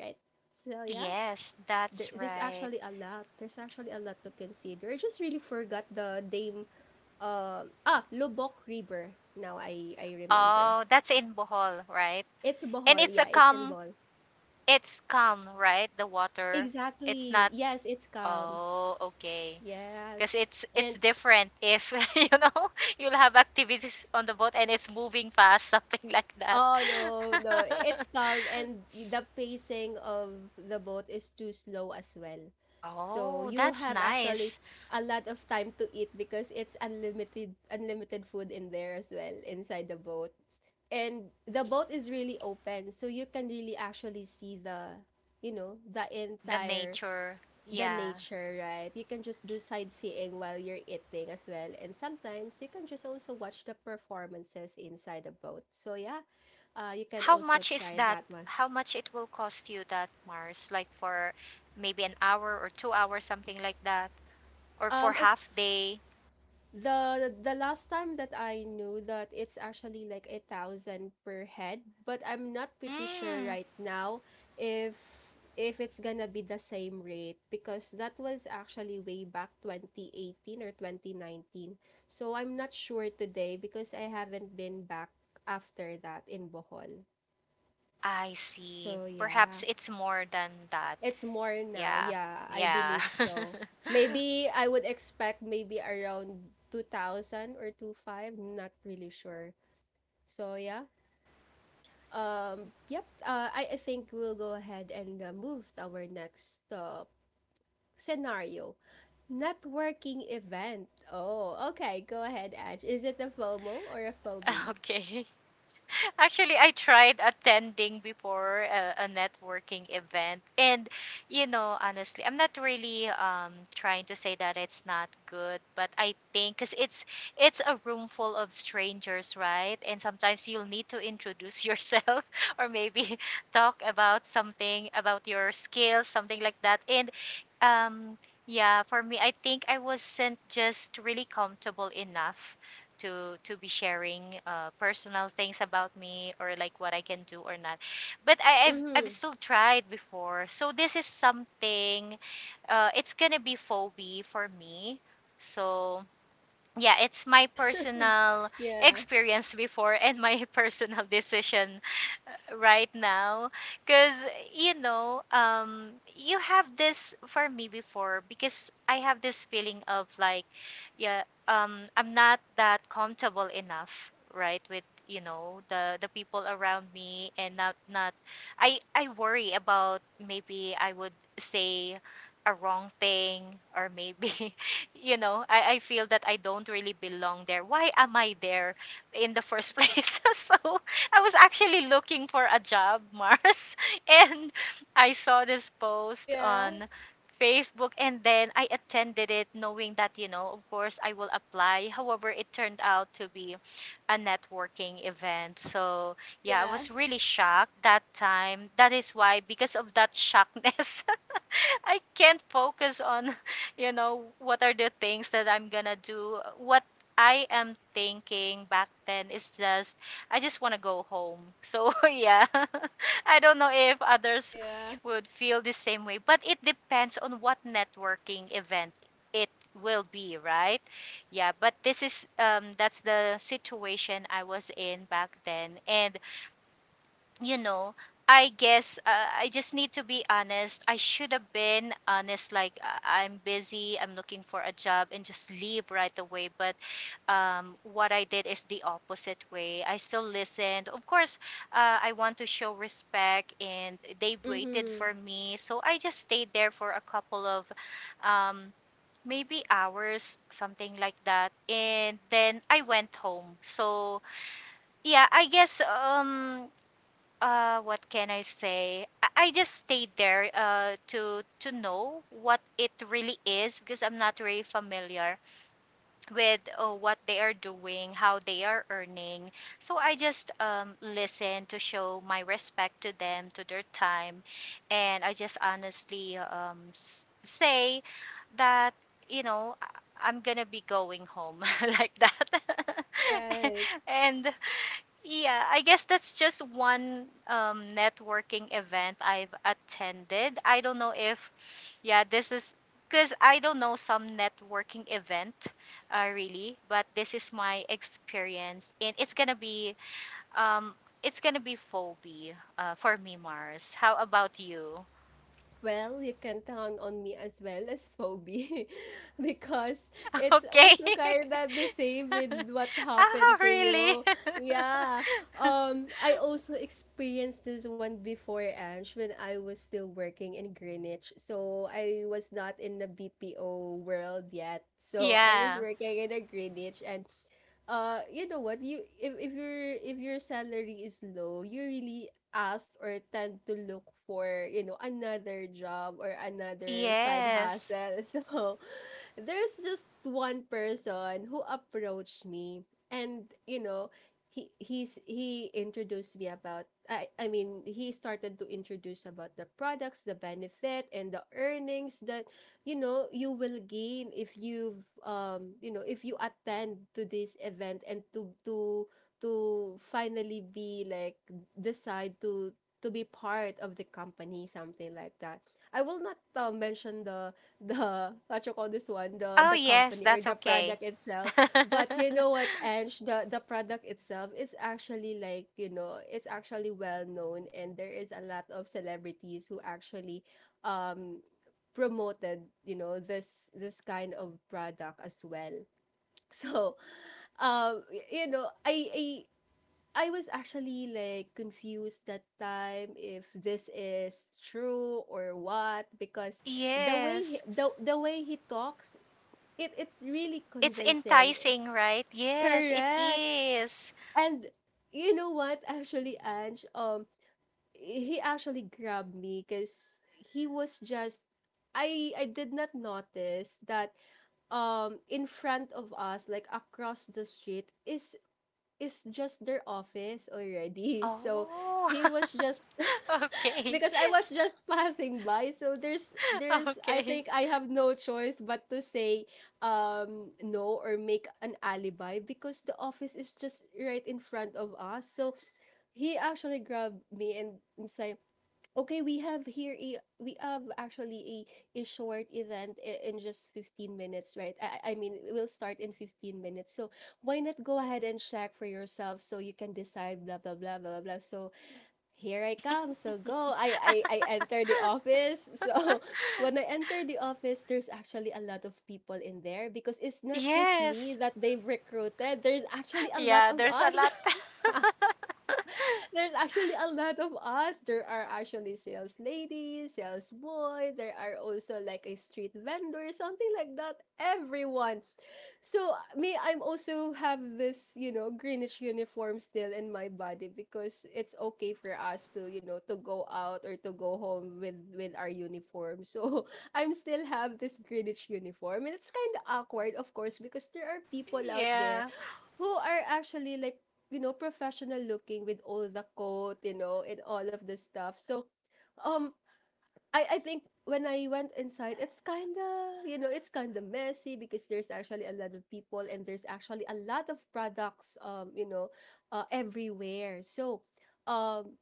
A: right? So yeah,
B: Yes,
A: there,
B: that's
A: there's
B: right.
A: actually a lot. There's actually a lot to consider. I just really forgot the name. Lubok River. Now I remember.
B: Oh, that's in Bohol, right?
A: It's
B: And
A: Bohol.
B: it's a
A: Yeah, it's in
B: calm,
A: Bohol.
B: it's calm, right? The water. It's
A: Exactly.
B: not,
A: Yes, it's calm.
B: oh, okay. Because
A: Yes.
B: it's
A: And
B: different if <laughs> you know, you'll have activities on the boat and it's moving fast <laughs> something like that.
A: oh, no, no, it's
B: <laughs>
A: calm, and the pacing of the boat is too slow as well. So
B: Oh,
A: you
B: that's
A: have actually
B: nice.
A: a lot of time to eat because it's unlimited food in there as well inside the boat. And the boat is really open, so you can really actually see the, the
B: The
A: entire,
B: nature.
A: the
B: Yeah.
A: nature, right? You can just do sightseeing while you're eating as well, and sometimes you can just also watch the performances inside the boat. So yeah, you can
B: How
A: also
B: much is
A: try
B: that,
A: that one.
B: how much it will cost you that, mars, like for maybe an hour or 2 hours, something like that, or for
A: um as
B: half day.
A: The the last time that I knew, that it's actually like 1,000 per head, but I'm not pretty sure
B: Mm,
A: right now if if it's gonna be the same rate, because that was actually way back 2018 or 2019. So I'm not sure today because I haven't been back after that in Bohol.
B: I see,
A: So
B: perhaps
A: yeah.
B: it's more than that.
A: It's more now.
B: Yeah.
A: Yeah, I
B: Yeah.
A: believe so. Maybe I would expect maybe around 2000 or two five. Not really sure. So yeah. I think we'll go ahead and move to our next scenario. Networking event. Oh, okay, go ahead, Edge. Is it a FOMO or a
B: <laughs>
A: phobie?
B: Okay. Actually, I tried attending before a networking event, and you know, honestly, I'm not really trying to say that it's not good, but I think because it's a room full of strangers, right? And sometimes you'll need to introduce yourself <laughs> or maybe <laughs> talk about something about your skills, something like that. And um, yeah, for me, I think I wasn't just really comfortable enough to be sharing personal things about me or like what I can do or not. But I've
A: Mhm.
B: still tried before, so this is something. It's gonna be phobia for me. So yeah, it's my
A: <laughs>
B: personal
A: Yeah.
B: experience before and my <laughs> personal decision right now because you know um you have this for me before because I have this feeling of like yeah. I'm not that comfortable enough, right, with the people around me and not not I worry about maybe I would say a wrong thing or maybe <laughs> I feel that I don't really belong there. Why am I there in the first place? <laughs> So I was actually looking for a job, Mars, <laughs> and I saw this post
A: Yeah.
B: on Facebook and then I attended it knowing that, of course I will apply. However, it turned out to be a networking event. So, yeah, I
A: Yeah.
B: was really shocked that time. That is why, because of that shockness, <laughs> <laughs> I can't focus on, <laughs> what are the things that I'm gonna do. What I am thinking back then is just, I just wanna go home. So, <laughs> yeah, <laughs> I don't know if others
A: Yeah.
B: would feel the same way, but it depends on what networking event it will be, right? Yeah, but this is, that's the situation I was in back then. And you know, I guess I just need to be honest. I should have been honest, like I'm busy, I'm looking for a job, and just leave right away. But what I did is the opposite way. I still listened. Of course, I want to show respect, and they waited
A: Mhm.
B: for me. So I just stayed there for a couple of um, maybe hours, something like that. And then I went home. So yeah, I guess. What can I say? I just stayed there to know what it really is because I'm not really familiar with what they are doing, how they are earning. So I just listen to show my respect to them, to their time. And I just honestly say that, you know I- I'm gonna be going home, <laughs> like that. <laughs>
A: Right.
B: And yeah, I guess that's just one networking event I've attended. I don't know if, yeah, this is because I don't know some networking event really, but this is my experience, and um, it's gonna be phobia for me, Mars. How about you?
A: Well, you can count on me as well as Phoebe <laughs> because
B: <laughs>
A: it's
B: Okay.
A: also kind of the same with what
B: <laughs> Ah,
A: happened to
B: really?
A: you. Yeah.
B: <laughs>
A: I also experienced this one before, Ange, when I was still working in Greenwich. So I was not in the BPO world yet. So I was
B: Yeah.
A: working in a Greenwich, and you know what, you if your salary is low, you really ask or tend to look for, another job or another side
B: Yes.
A: hustle <laughs> so there's just one person who approached me, and you know, he introduced me about, he started to introduce about the products, the benefit, and the earnings that you know you will gain if you attend to this event, and to finally be like decide to be part of the company, something like that. I will not mention the, what you call this one, the,
B: Oh, yes,
A: company or
B: that's
A: the
B: okay.
A: product itself. But
B: <laughs>
A: you know what, Ange, the product itself, it's actually like, you know, it's actually well known, and there is a lot of celebrities who actually um promoted, you know, this kind of product as well. So you know, I I was actually like confused that time if this is true or what, because
B: Yes.
A: the way he talks, it really
B: It's
A: convincing.
B: enticing, right? Yes, it
A: Correct.
B: is.
A: And you know what actually, Ange, he actually grabbed me cuz he was just, I did not notice that in front of us, like across the street, is just their office already. <laughs> So
B: Oh.
A: he was
B: <laughs>
A: just, <laughs>
B: Okay.
A: because I was just passing by. So
B: <laughs>
A: there's I
B: Okay.
A: think I have no choice but to say no or make an alibi, because the office is just right in front of us. So he actually grabbed me and, say, okay, we have here a, we have actually a, short event, in just 15 minutes, right? I mean, we'll start in 15 minutes. So why not go ahead and check for yourself so you can decide, blah blah blah blah blah. So here I come. So go. I
B: <laughs>
A: enter the office. <laughs> So when I enter the office, there's actually a lot of people in there, because it's not just me
B: Yes.
A: that they've recruited. There's actually a lot
B: Yeah,
A: of
B: there's a
A: us. <laughs>
B: lot. <laughs>
A: There's actually a lot of us. There are actually sales ladies, sales boy. There are also like a street vendor, something like that. Everyone. So me, I'm also have this, you know, greenish uniform still in my body, because it's okay for us to, you know, to go out or to go home with our uniform. So <laughs> I'm still have this greenish uniform, and it's kind of awkward, of course, because there are people out there
B: Yeah.
A: who are actually like, you know, professional looking, with all the coat, you know, and all of the stuff. So um I think when I went inside, it's kind of, you know, it's kind of messy, because there's actually a lot of people and there's actually a lot of products, you know, everywhere. So um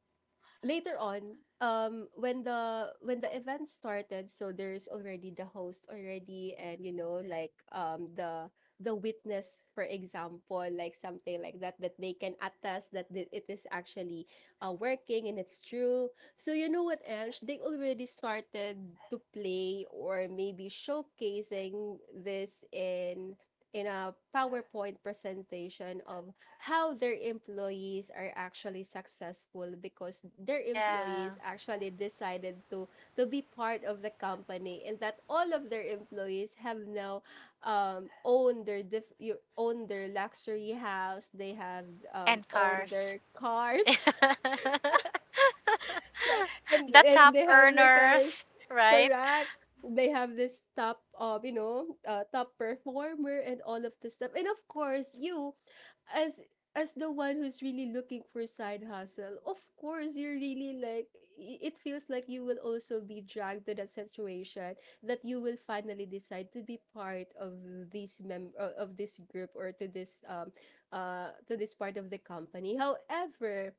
A: later on, when the, event started, so there's already the host already, and you know, like, the witness, for example, like something like that, that they can attest that it is actually working and it's true. So you know what else, they already started to play or maybe showcasing this in a PowerPoint presentation of how their employees are actually successful, because their
B: Yeah.
A: employees actually decided to be part of the company, and that all of their employees have now own their you own their luxury house, they have
B: And
A: owned
B: cars.
A: their
B: <laughs>
A: cars. <laughs> So and,
B: The top
A: they have their cars,
B: earners, right?
A: correct, they have this top, you know, top performer and all of this stuff. And of course you, as as the one who's really looking for side hustle, of course you're really like, it feels like you will also be dragged to that situation, that you will finally decide to be part of this group, or to this, to this part of the company. However,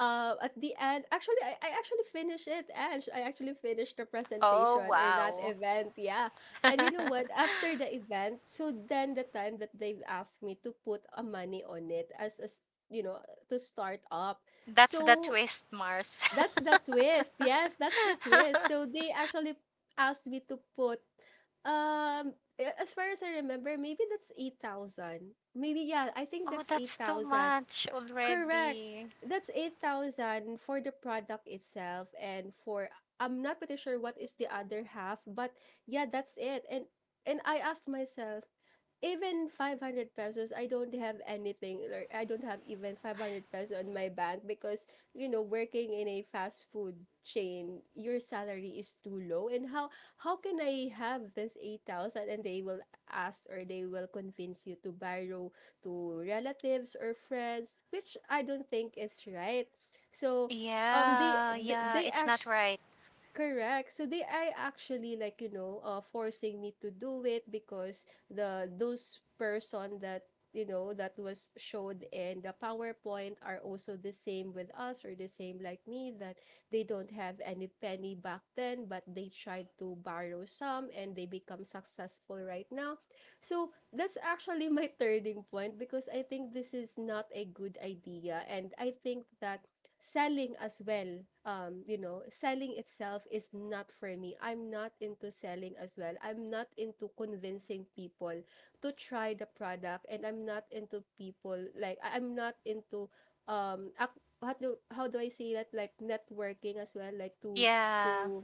A: at the end, actually, I actually finished it, Ange. I actually finished the
B: Oh,
A: presentation or that
B: wow.
A: event, yeah. And you know what? After the
B: <laughs>
A: event, so then the time that they've asked me to put a money on it as a, you know, to start up.
B: That's the
A: So
B: twist, Mars.
A: that's the twist.
B: <laughs>
A: Yes, that's the twist. So they actually asked me to put um, as far as I remember, maybe that's 8,000. Maybe, yeah, I think
B: Oh,
A: that's
B: that's too
A: 8,000.
B: much
A: Correct.
B: already.
A: That's 8,000 for the product itself, and for, I'm not pretty sure what is the other half, but yeah, that's it. And, I asked myself, even 500 pesos I don't have anything, or I don't have even 500 pesos on my bank, because you know, working in a fast food chain, your salary is too low, and how can I have this 8,000, and they will ask or they will convince you to borrow to relatives or friends, which I don't think it's right. So
B: Yeah, yeah,
A: they
B: it's not
A: actually,
B: right.
A: correct. So they are actually like, you know, forcing me to do it, because the, those person that you know, that was showed in the PowerPoint are also the same with us, or the same like me, that they don't have any penny back then, but they tried to borrow some and they become successful right now. So that's actually my turning point, because I think this is not a good idea, and I think that selling as well, you know, selling itself is not for me, I'm not into selling as well, I'm not into convincing people to try the product, and I'm not into people, like I'm not into how how do I say that, like networking as well, like to,
B: Yeah.
A: to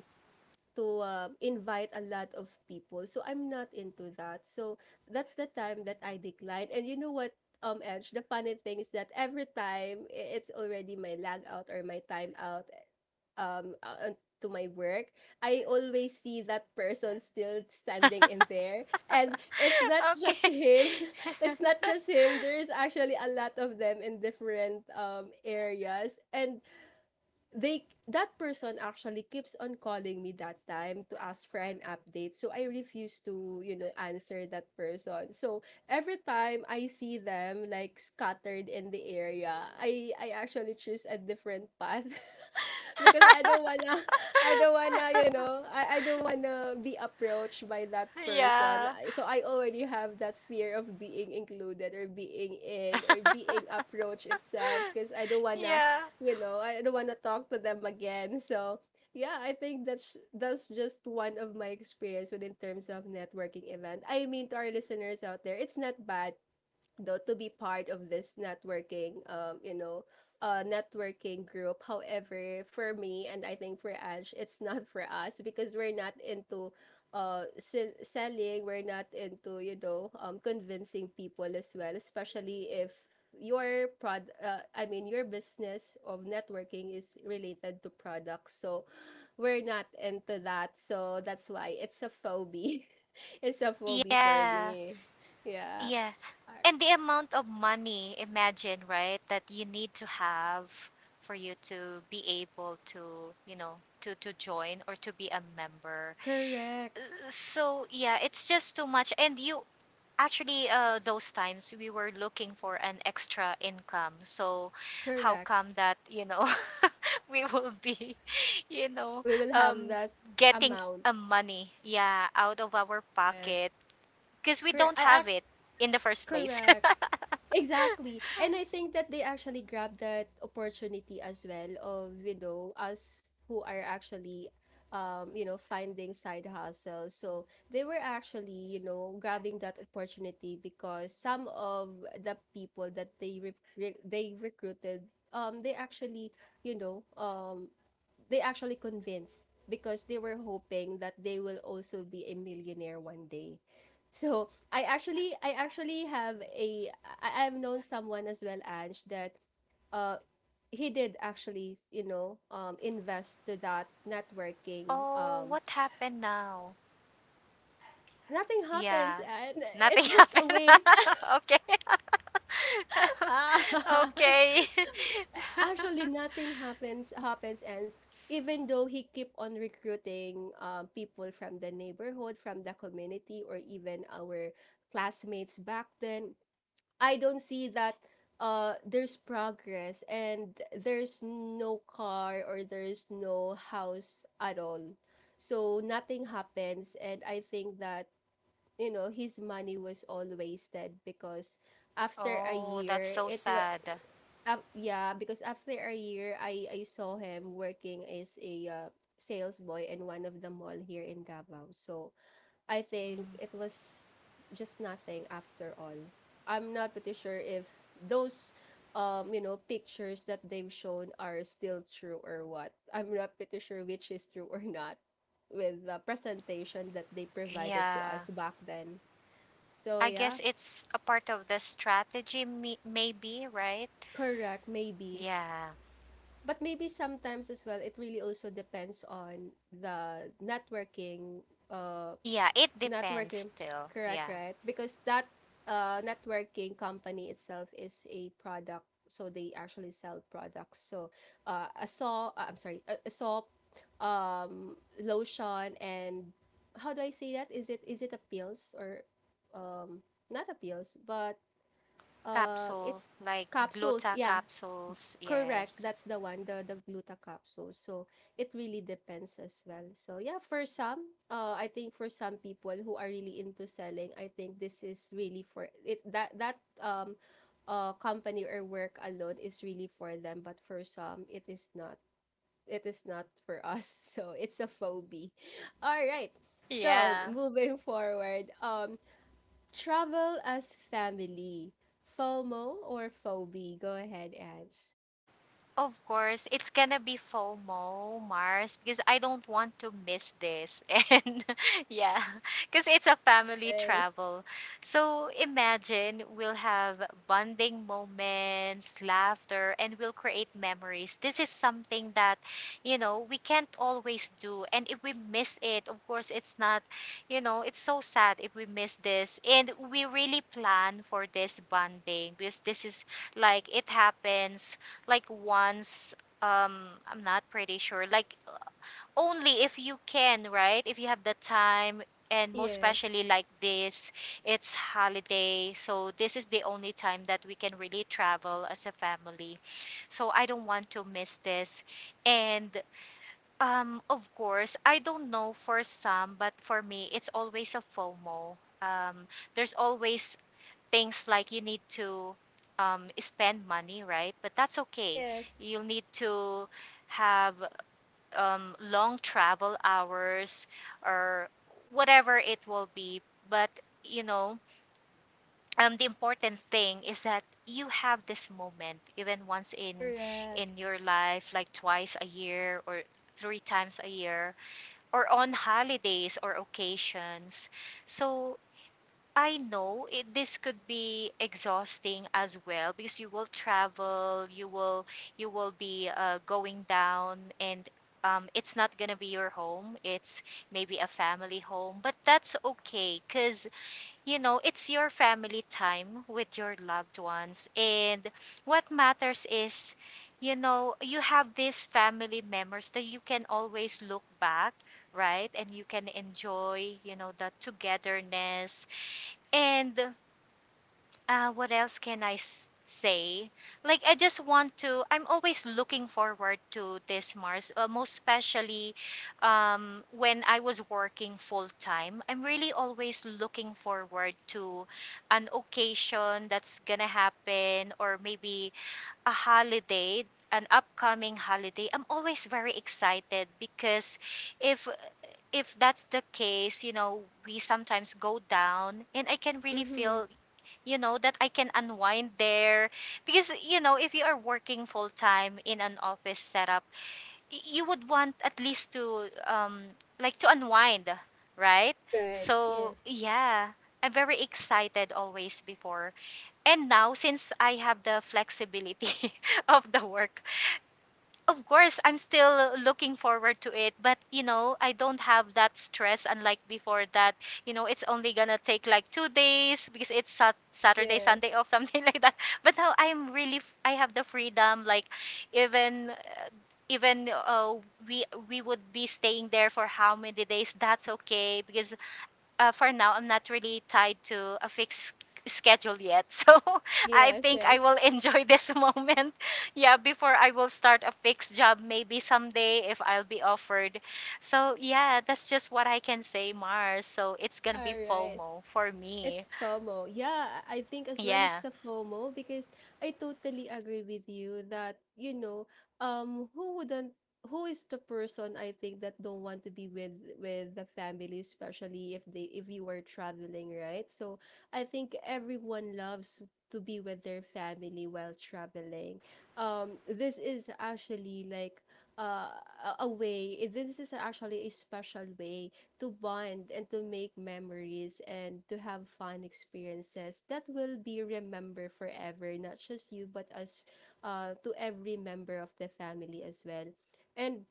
A: to invite a lot of people. So I'm not into that. So that's the time that I declined. And you know what, Edge, the funny thing is that every time it's already my lag out or my time out, to my work, I always see that person still standing in
B: <laughs>
A: there. And it's not just
B: Okay.
A: him. <laughs> It's not just him. There's actually a lot of them in different areas. And they that person actually keeps on calling me that time to ask for an update, so I refuse to, you know, answer that person. So every time I see them like scattered in the area, I actually choose a different path <laughs> because I don't wanna, I don't wanna,
B: <laughs>
A: I don't wanna be approached by that person.
B: Yeah.
A: So I already have that fear of being included or being in or being
B: <laughs>
A: approached itself because I don't wanna,
B: Yeah.
A: you know, I don't want to talk to them again. So, yeah, I think that's just one of my experience within terms of networking event. I mean, to our listeners out there, it's not bad though to be part of this networking, networking group. However, for me and I think for Ash, it's not for us because we're not into selling. We're not into, you know, convincing people as well, especially if your prod I mean your business of networking is related to products. So we're not into that. So that's why it's a phobia. <laughs> It's a phobia for
B: Yeah.
A: me. Yeah.
B: Yeah. And the amount of money, imagine, right, that you need to have for you to be able to, you know, to join or to be a member.
A: Correct.
B: So, yeah, it's just too much. And you actually, those times we were looking for an extra income. So, how
A: Correct.
B: come that, you know, <laughs> we will be, you know,
A: We will have
B: um,
A: that
B: getting
A: amount.
B: a money, yeah, out of our
A: Correct.
B: pocket because we
A: Correct.
B: don't
A: I
B: have
A: act
B: it in the first place.
A: correct.
B: <laughs>
A: Exactly. And I think that they actually grabbed that opportunity as well of, you know, us who are actually, you know, finding side hustles. So they were actually, you know, grabbing that opportunity because some of the people that they they recruited, they actually, you know, um, they actually convinced because they were hoping that they will also be a millionaire one day. So I actually have a, I've known someone as well, Ange, that uh he did actually, you know, invest to that networking.
B: Oh, what happened now?
A: Nothing happens,
B: Yeah,
A: and
B: nothing
A: it's
B: <laughs>
A: just
B: happened.
A: a
B: <laughs>
A: waste.
B: Okay. <laughs>
A: <laughs>
B: Okay.
A: Actually
B: <laughs>
A: nothing happens. And even though he keep on recruiting people from the neighborhood, from the community, or even our classmates back then, I don't see that there's progress, and there's no car or there's no house at all. So nothing happens, and I think that, you know, his money was all wasted because after a
B: Oh, that's
A: year
B: so
A: it was,
B: sad.
A: yeah, because after a year, I saw him working as a sales boy in one of the mall here in Davao. So I think
B: Mm,
A: it was just nothing after all. I'm not pretty sure if those, you know, pictures that they've shown are still true or what. I'm not pretty sure which is true or not with the presentation that they provided to
B: yeah.
A: us back then. So
B: I
A: yeah,
B: guess it's a part of the strategy, me- maybe, right?
A: correct, maybe.
B: Yeah.
A: But maybe sometimes as well, it really also depends on the networking,
B: Yeah, it depends
A: networking,
B: still.
A: correct,
B: Yeah.
A: right? Because that networking company itself is a product, so they actually sell products. So, I'm sorry, a soap, lotion, and how do I say that? Is it a pills or not a pills, but
B: Capsule,
A: it's
B: like
A: capsules?
B: gluta
A: Yeah,
B: capsules,
A: correct.
B: yes.
A: That's the one, the gluta capsule. So it really depends as well. So yeah, for some, I think for some people who are really into selling, I think this is really for it that company or work alone is really for them. But for some, it is not. It is not for us. <laughs> So it's a phobia. All right. So
B: Yeah.
A: moving forward, travel as family, FOMO or phobia. Go ahead, Ange.
B: Of course, it's gonna be FOMO, Mars, because I don't want to miss this. <laughs> And yeah, because it's a family
A: Yes.
B: travel. So imagine we'll have bonding moments, laughter, and we'll create memories. This is something that, you know, we can't always do. And if we miss it, of course, it's not, you know, it's so sad if we miss this. And we really plan for this bonding because this is like it happens like once. I'm not pretty sure, like only if you can, right, if you have the time. And most
A: Yes.
B: especially like this, it's holiday, so this is the only time that we can really travel as a family, so I don't want to miss this. And of course I don't know for some, but for me it's always a FOMO. um there's always things like you need to spend money, right? But that's okay.
A: Yes.
B: You'll need to have long travel hours or whatever it will be. But, you know, the important thing is that you have this moment even once
A: Correct.
B: in your life, like twice a year or three times a year or on holidays or occasions. So I know it, this could be exhausting as well because you will travel, you will be going down, and it's not gonna be your home. It's maybe a family home, but that's okay because you know it's your family time with your loved ones, and what matters is, you know, you have these family members that you can always look back, right, and you can enjoy, you know, the togetherness. And what else can I say? Like, I just want to, I'm always looking forward to this, Mars, most especially when I was working full time. I'm really always looking forward to an occasion that's gonna happen or maybe a holiday. An upcoming holiday, I'm always very excited because if if that's the case, you know, we sometimes go down and I can really
A: Mm-hmm.
B: feel, you know, that I can unwind there because you know if you are working full time in an office setup, you would want at least to like to unwind, right?
A: Right.
B: So
A: Yes.
B: yeah, I'm very excited always before, and now since I have the flexibility <laughs> of the work, of course I'm still looking forward to it, but you know I don't have that stress unlike before, that you know it's only gonna take like 2 days because it's sat- saturday sunday
A: Yes.
B: off, <laughs> something like that. But now I'm really I have the freedom, like even uh, even we would be staying there for how many days, that's okay because for now, I'm not really tied to a fixed schedule yet. <laughs> So I
A: Yes.
B: think
A: Yes.
B: I will enjoy this moment. <laughs> Yeah, before I will start a fixed job, maybe someday if I'll be offered. So yeah, that's just what I can say, Mars. So it's gonna be
A: All right.
B: FOMO for me.
A: It's FOMO. Yeah, I think as well
B: Yeah.
A: it's a FOMO because I totally agree with you that, you know, who wouldn't, who is the person I think that don't want to be with the family, especially if they if you were traveling, right? So I think everyone loves to be with their family while traveling. This is actually like uh, a way, this is actually a special way to bond and to make memories and to have fun experiences that will be remembered forever, not just you, but us, to every member of the family as well. And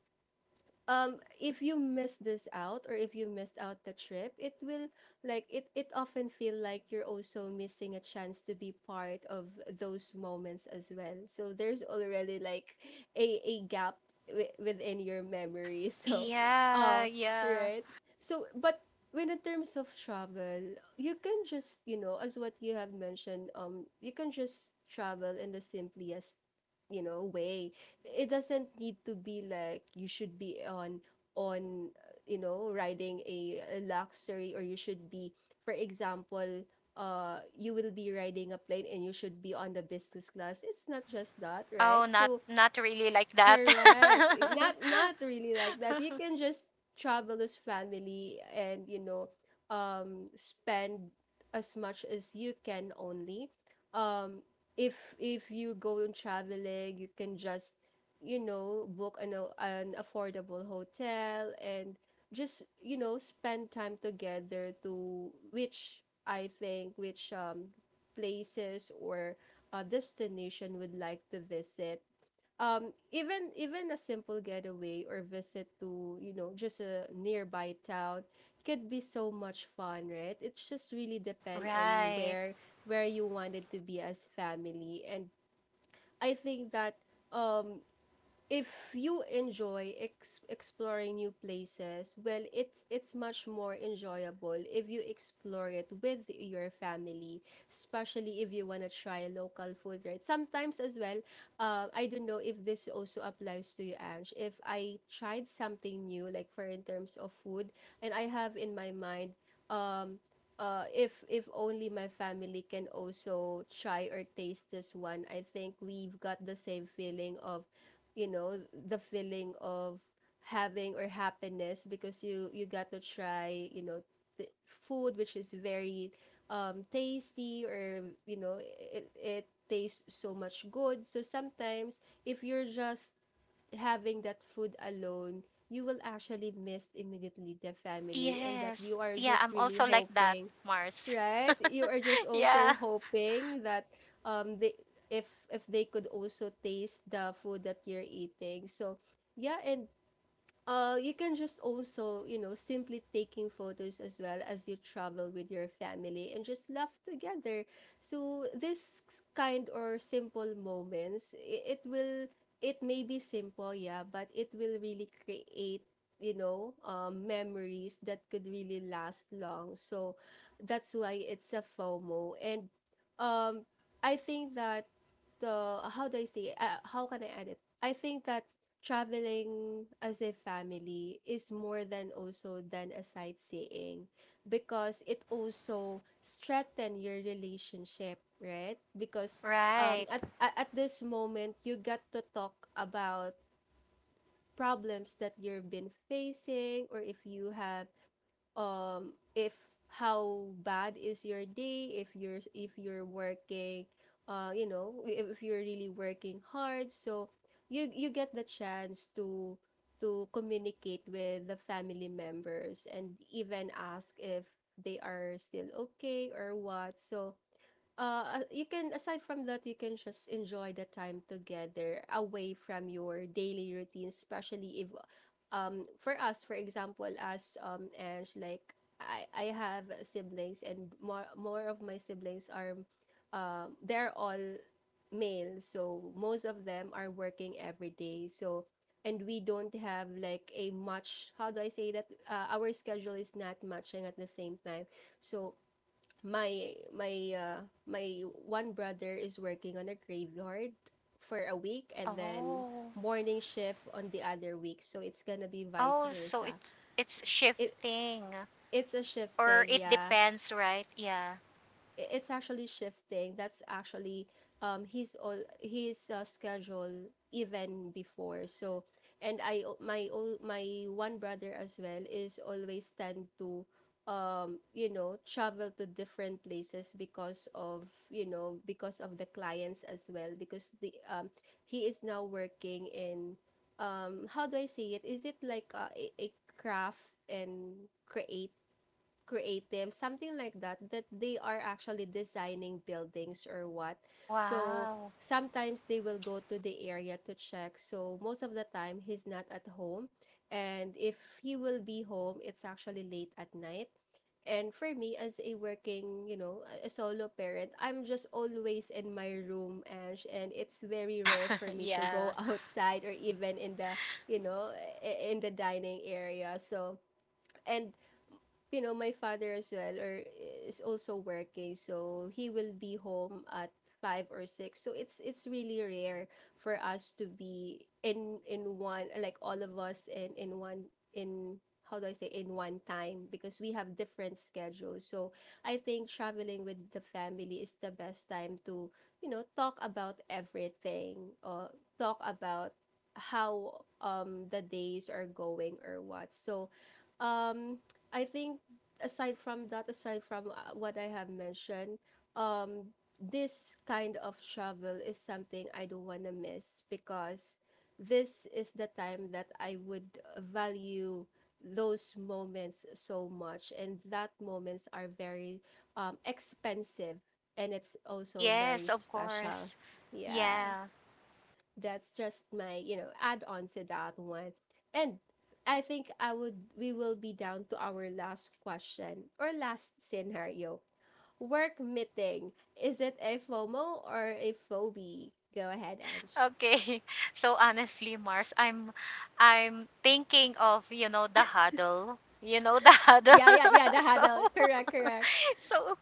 A: if you miss this out or if you missed out the trip, it will, it often feel like you're also missing a chance to be part of those moments as well. So there's already like a gap within your memory. <laughs> So
B: Yeah,
A: uh
B: yeah.
A: right. So but when in terms of travel, you can just, you know, as what you have mentioned, you can just travel in the simplest, you know, way. It doesn't need to be like you should be on, you know, riding a luxury, or you should be, for example, you will be riding a plane and you should be on the business class. It's not just that,
B: Oh,
A: right?
B: not
A: So
B: not really like that.
A: correct. Not not really like that. You can
B: <laughs>
A: just travel as family and, you know, spend as much as you can only. Um, if you go on traveling, you can just, you know, book an an affordable hotel and just, you know, spend time together, to which I think which places or a destination would like to visit. Even a simple getaway or visit to, you know, just a nearby town could be so much fun, right? It just really depend on
B: Right.
A: where, you wanted to be as family. And I think that, um if you enjoy exploring new places, well, it's much more enjoyable if you explore it with your family, especially if you want to try local food, right? Sometimes as well, I don't know if this also applies to you, Ange, if I tried something new, like for in terms of food, and I have in my mind, um if only my family can also try or taste this one, I think we've got the same feeling of, you know, the feeling of having or happiness because you got to try, you know, the food which is very tasty, or you know, it tastes so much good. So sometimes if you're just having that food alone, you will actually miss immediately the family, and that
B: Yes.
A: you are
B: Yeah,
A: just
B: I'm
A: really
B: also like that,
A: hoping,
B: Mars. <laughs>
A: right? You are just also
B: Yeah.
A: hoping that they, if they could also taste the food that you're eating. So yeah, and you can just also, you know, simply taking photos as well as you travel with your family and just laugh together. So this kind or simple moments, it will, it may be simple, yeah, but it will really create, you know, memories that could really last long. So that's why it's a FOMO. And um, I think that how do I say, how can I add it? I think that traveling as a family is more than also than a sightseeing because it also strengthen your relationship, right? Because
B: Right.
A: at this moment, you got to talk about problems that you've been facing, or if you have if how bad is your day, if you're working, you know, if you're really working hard. So you get the chance to communicate with the family members and even ask if they are still okay or what. So you can, aside from that, you can just enjoy the time together away from your daily routine, especially if, for us, for example, as and like I have siblings, and more of my siblings are, they're all male, so most of them are working every day. So and we don't have like a much, how do I say that, our schedule is not matching at the same time. So my my one brother is working on a graveyard for a week, and then
B: Oh.
A: morning shift on the other week, so it's gonna be vice
B: Oh, so
A: versa.
B: it's
A: It,
B: shifting
A: it's a shift
B: or
A: thing,
B: it
A: yeah.
B: depends, right? Yeah.
A: It's actually shifting. That's actually his, all his schedule even before. So and I my, all my one brother as well is always tend to, you know, travel to different places because of, you know, because of the clients as well, because the he is now working in, how do I say, it is it like a craft and creative creative, something like that, that they are actually designing buildings or what. So
B: Wow.
A: sometimes they will go to the area to check. So most of the time, he's not at home. And if he will be home, it's actually late at night. And for me, as a working, a solo parent, I'm just always in my room, Ash, and it's very rare for
B: <laughs>
A: me to
B: Yeah.
A: go <laughs> outside or even you know, in the dining area. So, and my father as well or is also working, so he will be home at five or six. So it's really rare for us to be in one, like all of us in one, in, how do I say, in one time because we have different schedules. So I think traveling with the family is the best time to talk about everything or talk about how the days are going or what. So um I think aside from that, aside from what I have mentioned, um, this kind of travel is something I don't want to miss because this is the time that I would value those moments so much, and that moments are very expensive and it's also
B: Yes,
A: very
B: of
A: special.
B: course.
A: Yeah,
B: Yeah.
A: that's just my add on to that one. And I think I would we will be down to our last question or last scenario. Work meeting, is it a FOMO or a phobie? Go ahead, Ange.
B: Okay. <laughs> So honestly, Mars, I'm thinking of, you know, the huddle. You know, the <laughs> huddle.
A: Yeah, yeah, yeah,
B: <laughs>
A: the
B: So
A: huddle. Correct, correct.
B: <laughs> so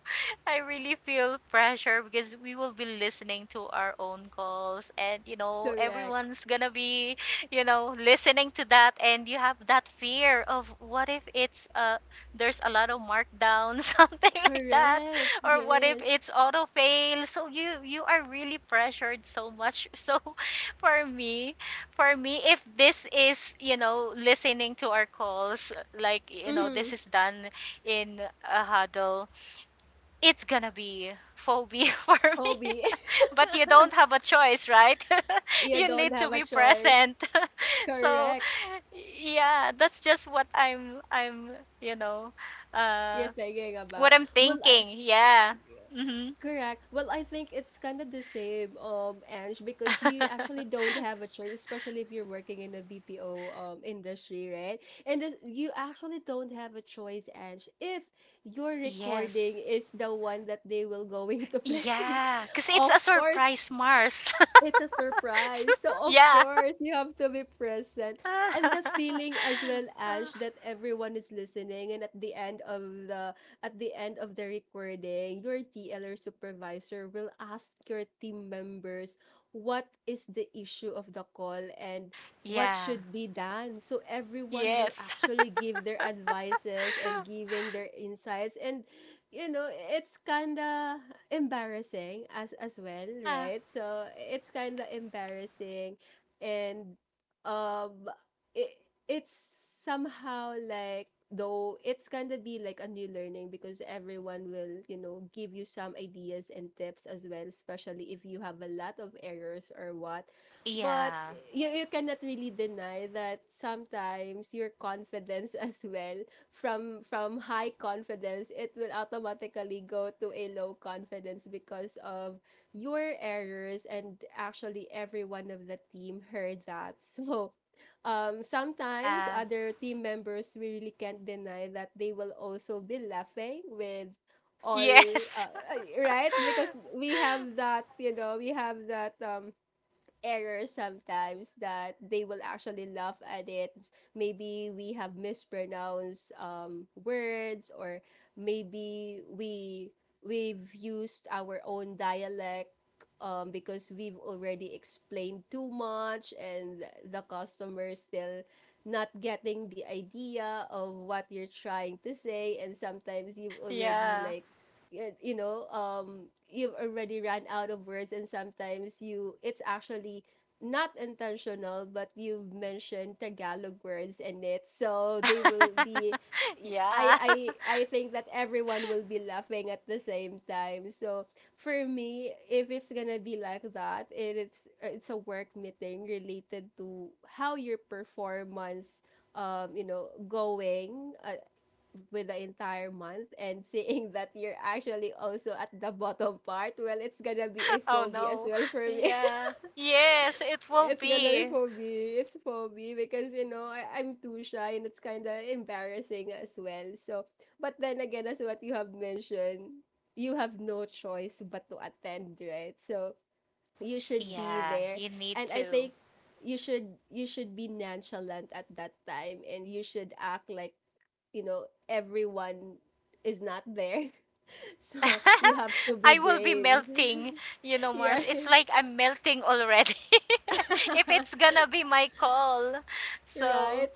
B: I really feel pressure because we will be listening to our own calls and you know
A: Correct,
B: everyone's going to be, you know, listening to that, and you have that fear of what if it's there's a lot of markdown <laughs> something like that,
A: correct,
B: or what if
A: yes.
B: it's auto fail? So you are really pressured so much. <laughs> So for me, if this is, you know, listening to our calls like, you know, this
A: Mm.
B: is done in a huddle, it's gonna be phobia <laughs> for me.
A: Phobie.
B: <laughs> But you don't have a choice, right?
A: <laughs>
B: <laughs>
A: You
B: You
A: don't
B: need to
A: have a
B: be
A: choice.
B: present. <laughs> So
A: Correct.
B: yeah, that's just what I'm you know,
A: You're
B: uh
A: thinking
B: what
A: about,
B: I'm
A: well, I,
B: thinking. Yeah. Mhm.
A: correct. Well, I think it's kind of the same, Ange, because you actually
B: <laughs>
A: don't have a choice, especially if you're working in the BPO industry, right? And this, you actually don't have a choice, Ange, if your
B: Yes.
A: recording is the one that they will <laughs> going to play. <laughs>
B: Yeah, cuz it's
A: Of
B: a
A: course,
B: surprise, Mars.
A: it's a surprise. So
B: <laughs>
A: of
B: Yeah.
A: course, you have to be present. And the
B: <laughs>
A: feeling as well, Ange, that everyone is listening and at the end of the recording, your TL or supervisor will ask your team members what is the issue of the call and what
B: Yeah.
A: should be done. So everyone will
B: Yes.
A: actually give their advices and
B: <laughs>
A: giving their insights, and it's kinda embarrassing as well,
B: Yeah.
A: right? So it's kinda embarrassing, and um it it's somehow like, though it's kind of be like a new learning because everyone will give you some ideas and tips as well, especially if you have a lot of errors or what. But
B: Yeah.
A: you cannot really deny that sometimes your confidence <laughs> as well, from high confidence it will automatically go to a low confidence because of your errors and actually every one of the team heard that. <laughs> So sometimes
B: Yeah.
A: other team members really can't deny that they will also be laughing with all,
B: Yes.
A: uh, <laughs>
B: <laughs>
A: right, because we have that errors sometimes that they will actually laugh at it. Maybe we have mispronounced words, or maybe we've used our own dialect, because we've already explained too much, and the customer still not getting the idea of what you're trying to say. And sometimes you've already,
B: Yeah.
A: like, y- you know you've already run out of words, and sometimes you it's actually not intentional but you've mentioned tagalog words in it, so they will be,
B: <laughs>
A: I
B: Yeah.
A: I I think that everyone will be laughing at the same time. So for me, if it's gonna be like that, it's a work meeting related to how your performance, going, with the entire month, and <laughs> seeing that you're actually also at the bottom part, well, it's gonna be a
B: <laughs> Oh
A: phobia as
B: no.
A: well for me.
B: Yeah. Yes, it
A: <laughs>
B: will
A: It's gonna be
B: be.
A: phobia. It's phobia because, you know, I'm too shy and it's kind of embarrassing as well. So, but then again, as what you have mentioned, you have no choice but to attend, right? So, you should be
B: Yeah,
A: there.
B: you need
A: And I
B: to.
A: think you should be nonchalant at that time and you should act like you know everyone is not there. <laughs> So you have to
B: <laughs>
A: be
B: I will be
A: brave.
B: melting, you know,
A: <laughs> Yeah.
B: Mars. It's like I'm melting already. <laughs> If it's gonna be my call.
A: <laughs>
B: So,
A: Right.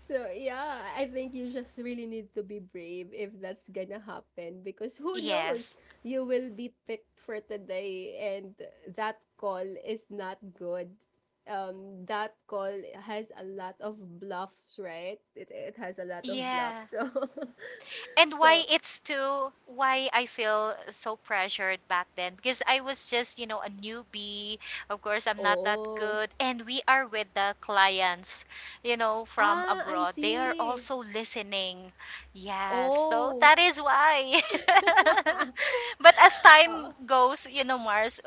A: So yeah, I think you just really need to be brave if that's gonna happen, because who knows,
B: yes.
A: you will be picked for today and that call is not good, that call has a lot of bluffs, right? It has a lot of bluffs.
B: Yeah.
A: <laughs> so
B: And why
A: so
B: it's too, why I feel so pressured back then, because I was just, you know, a newbie. Of course I'm not that
A: oh,
B: good, and we are with the clients, you know, from
A: ah, I
B: abroad. They are
A: see.
B: also listening. Yes, so
A: Oh,
B: that is why. <laughs> But as time goes, you know, Mars,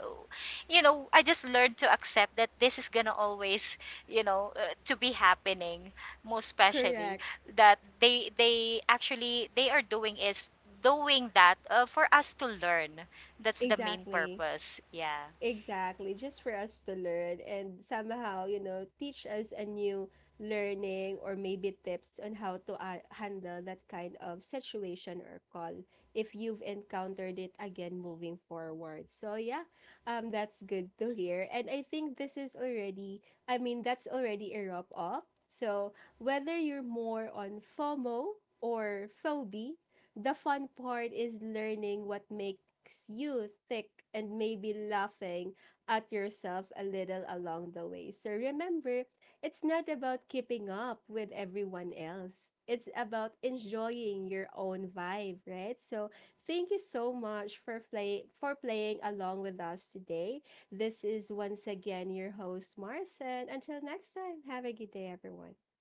B: you know, I just learned to accept that this is gonna always, you know, to be happening. Most especially
A: correct.
B: that they actually they are doing is doing that for us to learn. That's the main
A: Exactly.
B: purpose. Yeah.
A: Exactly. Just for us to learn and somehow, you know, teach us a new learning or maybe tips on how to handle that kind of situation or call if you've encountered it again moving forward. So, yeah, that's good to hear. And I think this is already, I mean, that's already a wrap up. So, whether you're more on FOMO or phobia, the fun part is learning what makes you tick and maybe laughing at yourself a little along the way. So remember, it's not about keeping up with everyone else. It's about enjoying your own vibe, right? So thank you so much for playing along with us today. This is once again your host Marcin. Until next time, have a good day, everyone.